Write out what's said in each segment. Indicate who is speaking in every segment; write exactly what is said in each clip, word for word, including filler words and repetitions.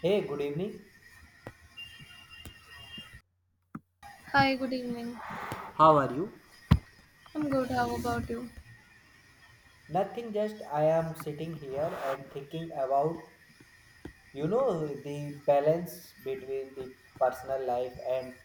Speaker 1: Hey, good evening.
Speaker 2: Hi, good evening.
Speaker 1: How are you?
Speaker 2: I'm good. How about you?
Speaker 1: Nothing, just I am sitting here and thinking about, you know, the balance between the personal life and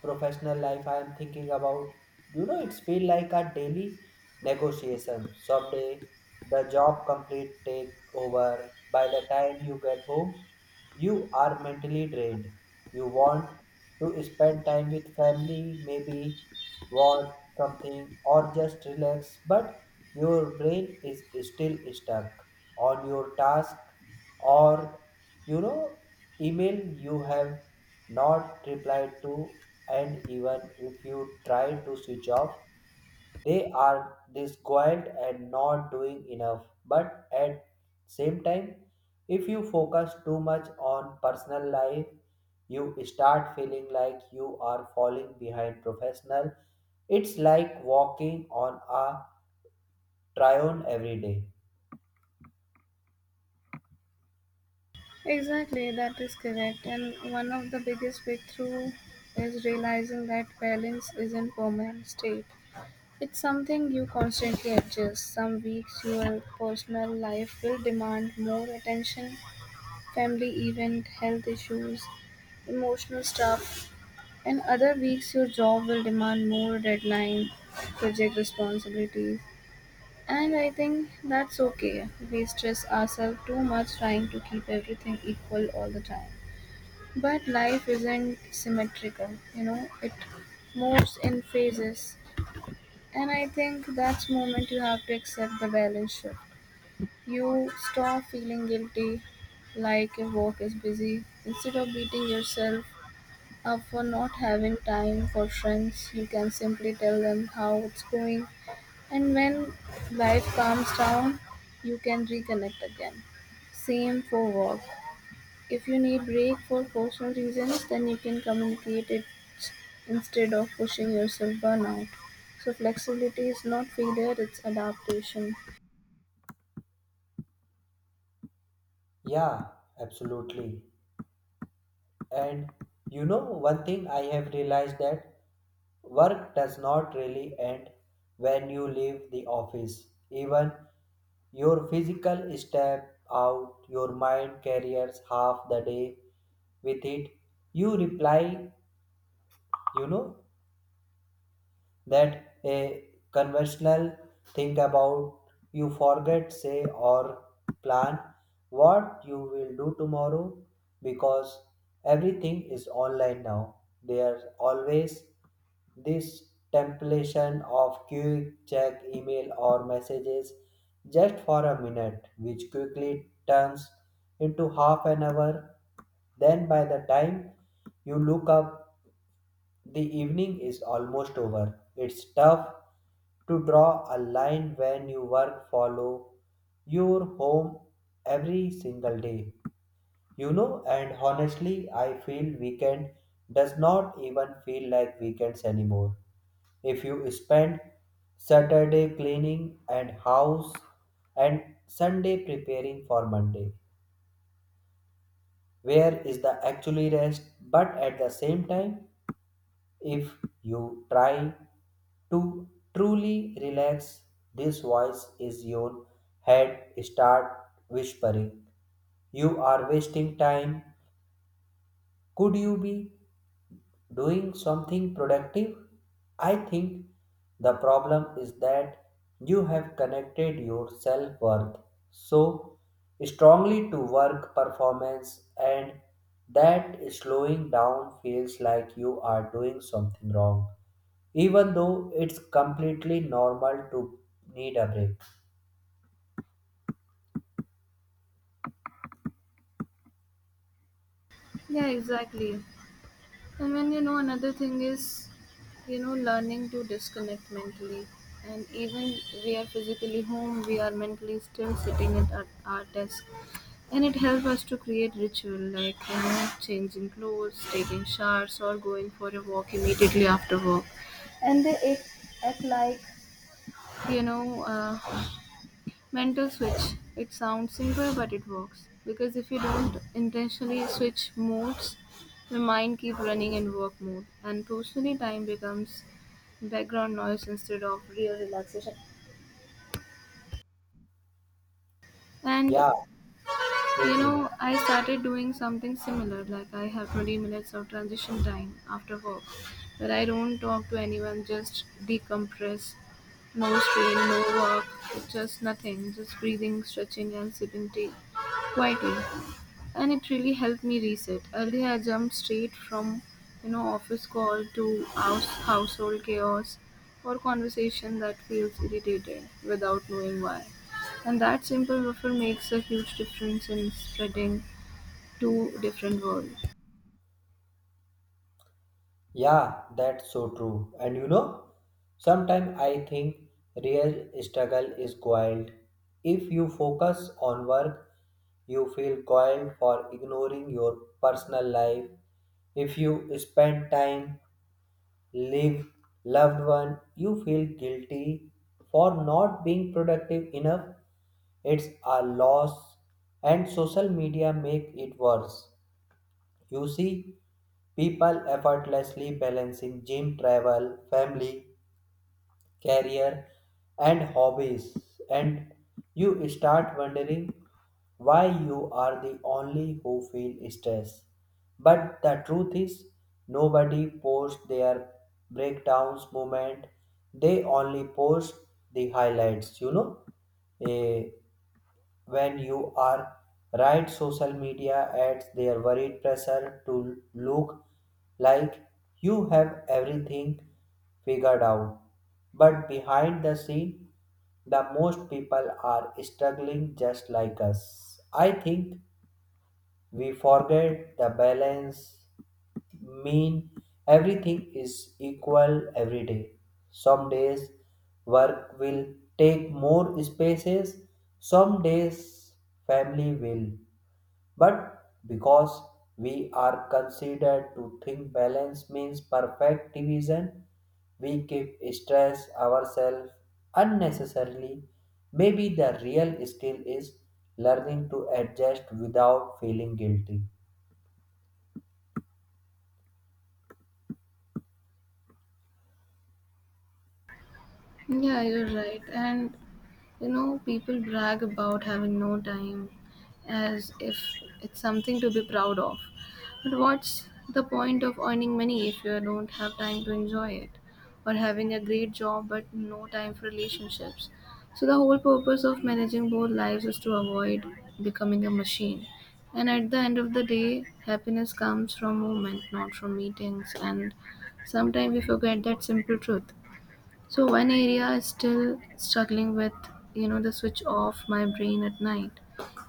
Speaker 1: professional life. I am thinking about, you know, it's feel like a daily negotiation. Someday the job complete take over. By the time you get home you are mentally drained. You want to spend time with family, maybe watch something or just relax, but your brain is still stuck on your task or you know email you have not replied to, and even if you try to switch off they are disquiet and not doing enough. But at same time, if you focus too much on personal life, you start feeling like you are falling behind professional. It's like walking on a trion every day.
Speaker 2: Exactly, that is correct. And one of the biggest breakthrough is realizing that balance isn't permanent state. It's something you constantly adjust. Some weeks your personal life will demand more attention, family event, health issues, emotional stuff. And other weeks your job will demand more deadline, project responsibilities. And I think that's okay. We stress ourselves too much trying to keep everything equal all the time. But life isn't symmetrical, you know, it moves in phases. And I think that's moment you have to accept the balance shift. You stop feeling guilty like your work is busy. Instead of beating yourself up for not having time for friends, you can simply tell them how it's going and when life calms down, you can reconnect again. Same for work. If you need break for personal reasons, then you can communicate it instead of pushing yourself burnout. So flexibility is not failure, it's adaptation.
Speaker 1: Yeah, absolutely. And you know, one thing I have realized that work does not really end when you leave the office. Even your physical step out, your mind carries half the day with it. You reply, you know, that a conventional think about you forget say or plan what you will do tomorrow, because everything is online now. There's always this temptation of quick check email or messages just for a minute, which quickly turns into half an hour. Then by the time you look up the evening is almost over. It's tough to draw a line when you work follow your home every single day. You know, and honestly, I feel weekend does not even feel like weekends anymore. If you spend Saturday cleaning and house and Sunday preparing for Monday, where is the actually rest? But at the same time, if you try to truly relax, this voice is your head start whispering. You are wasting time. Could you be doing something productive? I think the problem is that you have connected your self worth so strongly to work performance, and that slowing down feels like you are doing something wrong, even though it's completely normal to need a break.
Speaker 2: Yeah, exactly. And when you know another thing is, you know, learning to disconnect mentally. And even we are physically home, we are mentally still sitting at our, our desk. And it helps us to create ritual like you know, changing clothes, taking showers, or going for a walk immediately after work. And they act, act like you know uh, mental switch. It sounds simple, but it works because if you don't intentionally switch modes, your mind keep running in work mode, and personally time becomes background noise instead of real relaxation. And
Speaker 1: Yeah, so
Speaker 2: you
Speaker 1: true.
Speaker 2: know, I started doing something similar, like I have twenty minutes of transition time after work, where I don't talk to anyone, just decompress. No strain, no work, just nothing, just breathing, stretching, and sipping tea quietly and it really helped me reset. Earlier, I jumped straight from you know office call to house household chaos or conversation that feels irritated without knowing why. And that simple buffer makes a huge difference in spreading two different worlds.
Speaker 1: Yeah, that's so true. And you know, sometimes I think real struggle is coiled. If you focus on work, you feel coiled for ignoring your personal life. If you spend time, live loved one, you feel guilty for not being productive enough. It's a loss, and social media make it worse. You see people effortlessly balancing gym, travel, family, career, and hobbies, and you start wondering why you are the only who feel stress. But the truth is, nobody posts their breakdowns moment. They only post the highlights. You know, Eh, when you are right, social media adds their worried pressure to look like you have everything figured out, but behind the scene the most people are struggling just like us. I think we forget the balance mean everything is equal every day. Some days work will take more spaces, some days family will. But because we are considered to think balance means perfect division, we keep stress ourselves unnecessarily. Maybe the real skill is learning to adjust without feeling guilty.
Speaker 2: Yeah, you're right. And you know, people brag about having no time as if it's something to be proud of. But what's the point of earning money if you don't have time to enjoy it? Or having a great job but no time for relationships? So, the whole purpose of managing both lives is to avoid becoming a machine. And at the end of the day, happiness comes from movement, not from meetings. And sometimes we forget that simple truth. So one area is still struggling with, you know, the switch off my brain at night.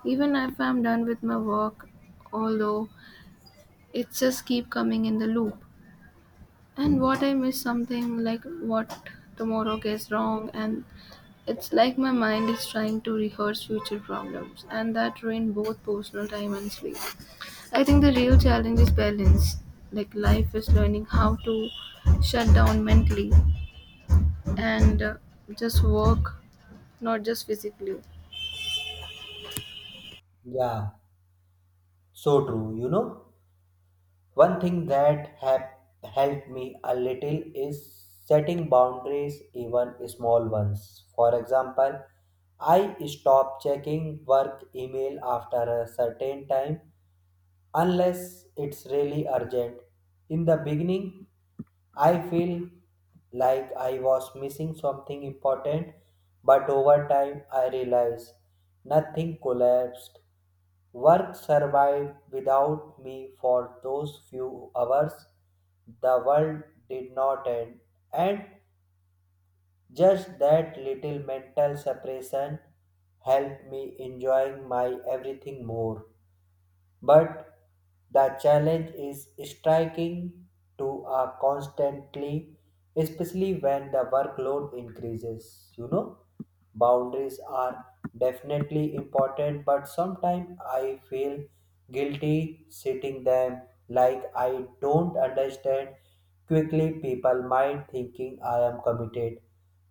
Speaker 2: Even if I'm done with my work, although it just keep coming in the loop. And what I miss something like what tomorrow gets wrong and it's like my mind is trying to rehearse future problems and that ruin both personal time and sleep. I think the real challenge is balance. Like life is learning how to shut down mentally and uh, just work not just physically.
Speaker 1: Yeah, so true, you know. One thing that have helped me a little is setting boundaries, even small ones. For example, I stop checking work email after a certain time unless it's really urgent. In the beginning, I feel like I was missing something important, but over time I realized nothing collapsed. Work survived without me for those few hours. The world did not end, and just that little mental separation helped me enjoying my everything more, but the challenge is striking to a constantly, especially when the workload increases. You know, boundaries are definitely important, but sometimes I feel guilty setting them, like I don't understand. Quickly, people might thinking I am committed,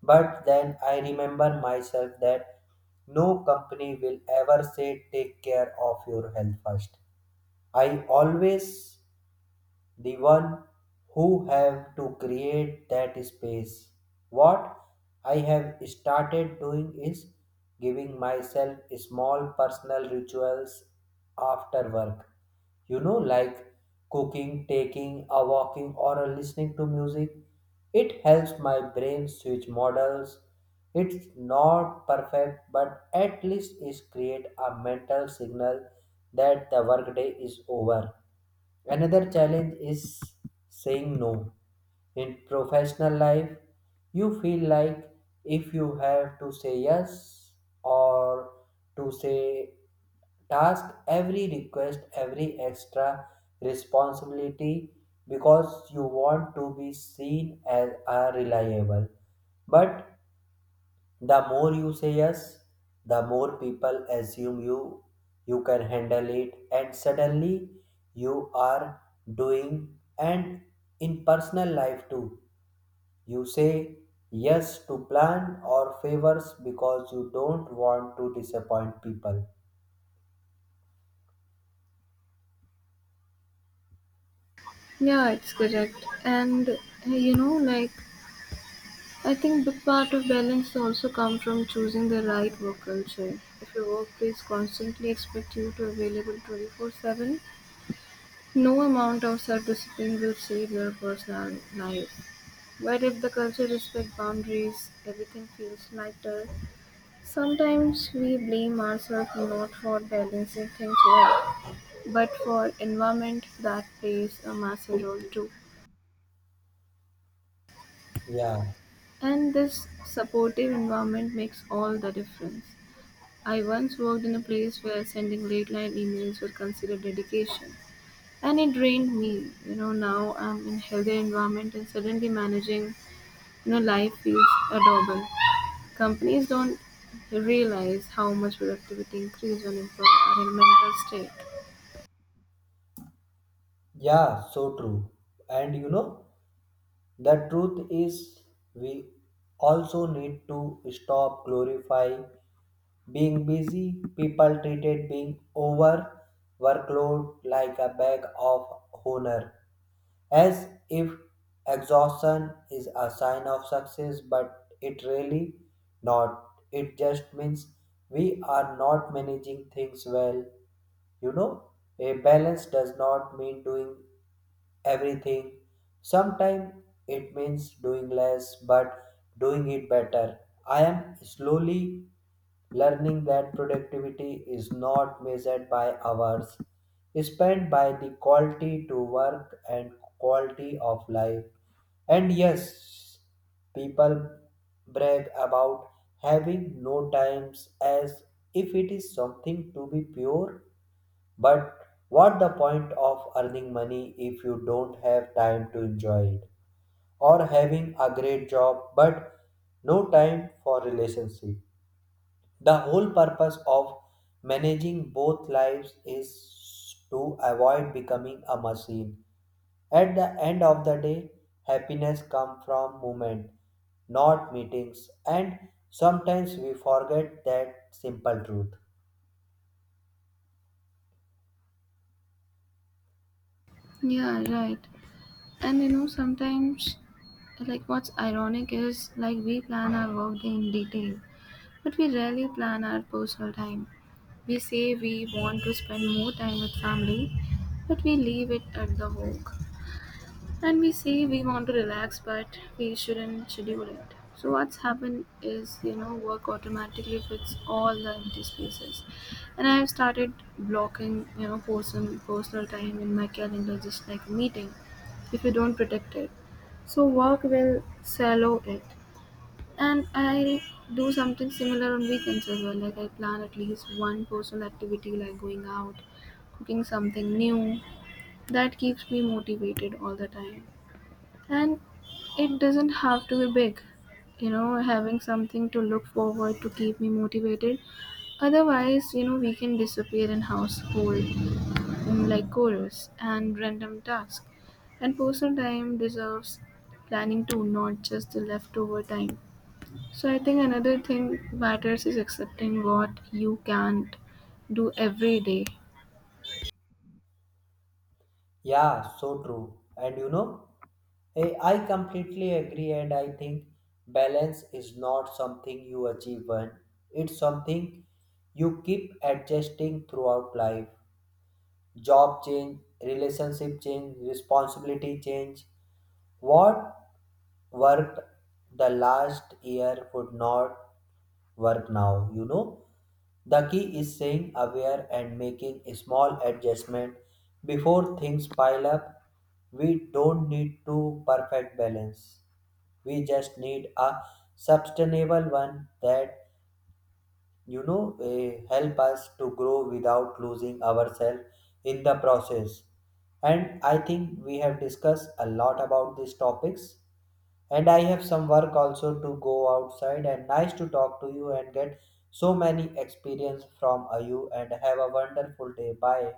Speaker 1: but then I remember myself that. No company will ever say take care of your health first. I always the one who have to create that space. What I have started doing is giving myself small personal rituals after work. You know, like cooking, taking a walking, or a listening to music. It helps my brain switch models. It's not perfect, but at least it create a mental signal that the workday is over. Another challenge is saying no. In professional life, you feel like if you have to say yes or to say task, every request, every extra responsibility, because you want to be seen as a reliable. But the more you say yes, the more people assume you you can handle it, and suddenly you are doing and in personal life too. You say yes to plan or favors because you don't want to disappoint people.
Speaker 2: Yeah, it's correct. And uh, you know, like I think big part of balance also come from choosing the right work culture. If your workplace constantly expect you to available twenty-four seven, no amount of self-discipline will save your personal life. But if the culture respect boundaries, everything feels lighter. Sometimes we blame ourselves not for balancing things well, but for environment that plays a massive role too.
Speaker 1: Yeah,
Speaker 2: And this supportive environment makes all the difference. I once worked in a place where sending late night emails were considered dedication. And it drained me. You know, now I'm in healthy environment and suddenly managing, you know, life feels adorable. Companies don't realize how much productivity increase when employees are in mental state.
Speaker 1: yeah, so true. And you know, the truth is, we also need to stop glorifying being busy. People treated being over workload like a bag of honor, as if exhaustion is a sign of success, but it really not. It just means we are not managing things well. You know, a balance does not mean doing everything. Sometimes it means doing less but doing it better. I am slowly learning that productivity is not measured by hours spent by the quality to work and quality of life. And yes, people brag about having no times as if it is something to be pure, but what the point of earning money if you don't have time to enjoy it, or having a great job but no time for relationship? The whole purpose of managing both lives is to avoid becoming a machine. At the end of the day, happiness comes from movement, not meetings, and sometimes we forget that simple truth.
Speaker 2: Yeah, right. And you know, sometimes, like what's ironic is like we plan our workday in detail, but we rarely plan our personal time. We say we want to spend more time with family, but we leave it at the home and we say we want to relax but we shouldn't schedule it so what's happened is you know work automatically fits all the empty spaces and I've started blocking you know person personal time in my calendar just like a meeting if you don't protect it so work will shallow it and I do something similar on weekends as well like I plan at least one personal activity like going out, cooking something new that keeps me motivated all the time. And it doesn't have to be big. You know, having something to look forward to keep me motivated. Otherwise, you know, we can disappear in household um, like chores and random tasks. And personal time deserves planning too, not just the leftover time. So I think another thing matters is accepting what you can't do every day.
Speaker 1: Yeah, so true. And you know, I I completely agree, and I think balance is not something you achieve, when it's something you keep adjusting throughout life. Job change, relationship change, responsibility change. What worked the last year would not work now, you know. The key is staying aware and making a small adjustment before things pile up. We don't need to perfect balance. We just need a sustainable one that you know, eh, help us to grow without losing ourselves in the process. And I think we have discussed a lot about these topics. And I have some work also to go outside. And nice to talk to you and get so many experience from uh, you. And have a wonderful day. Bye.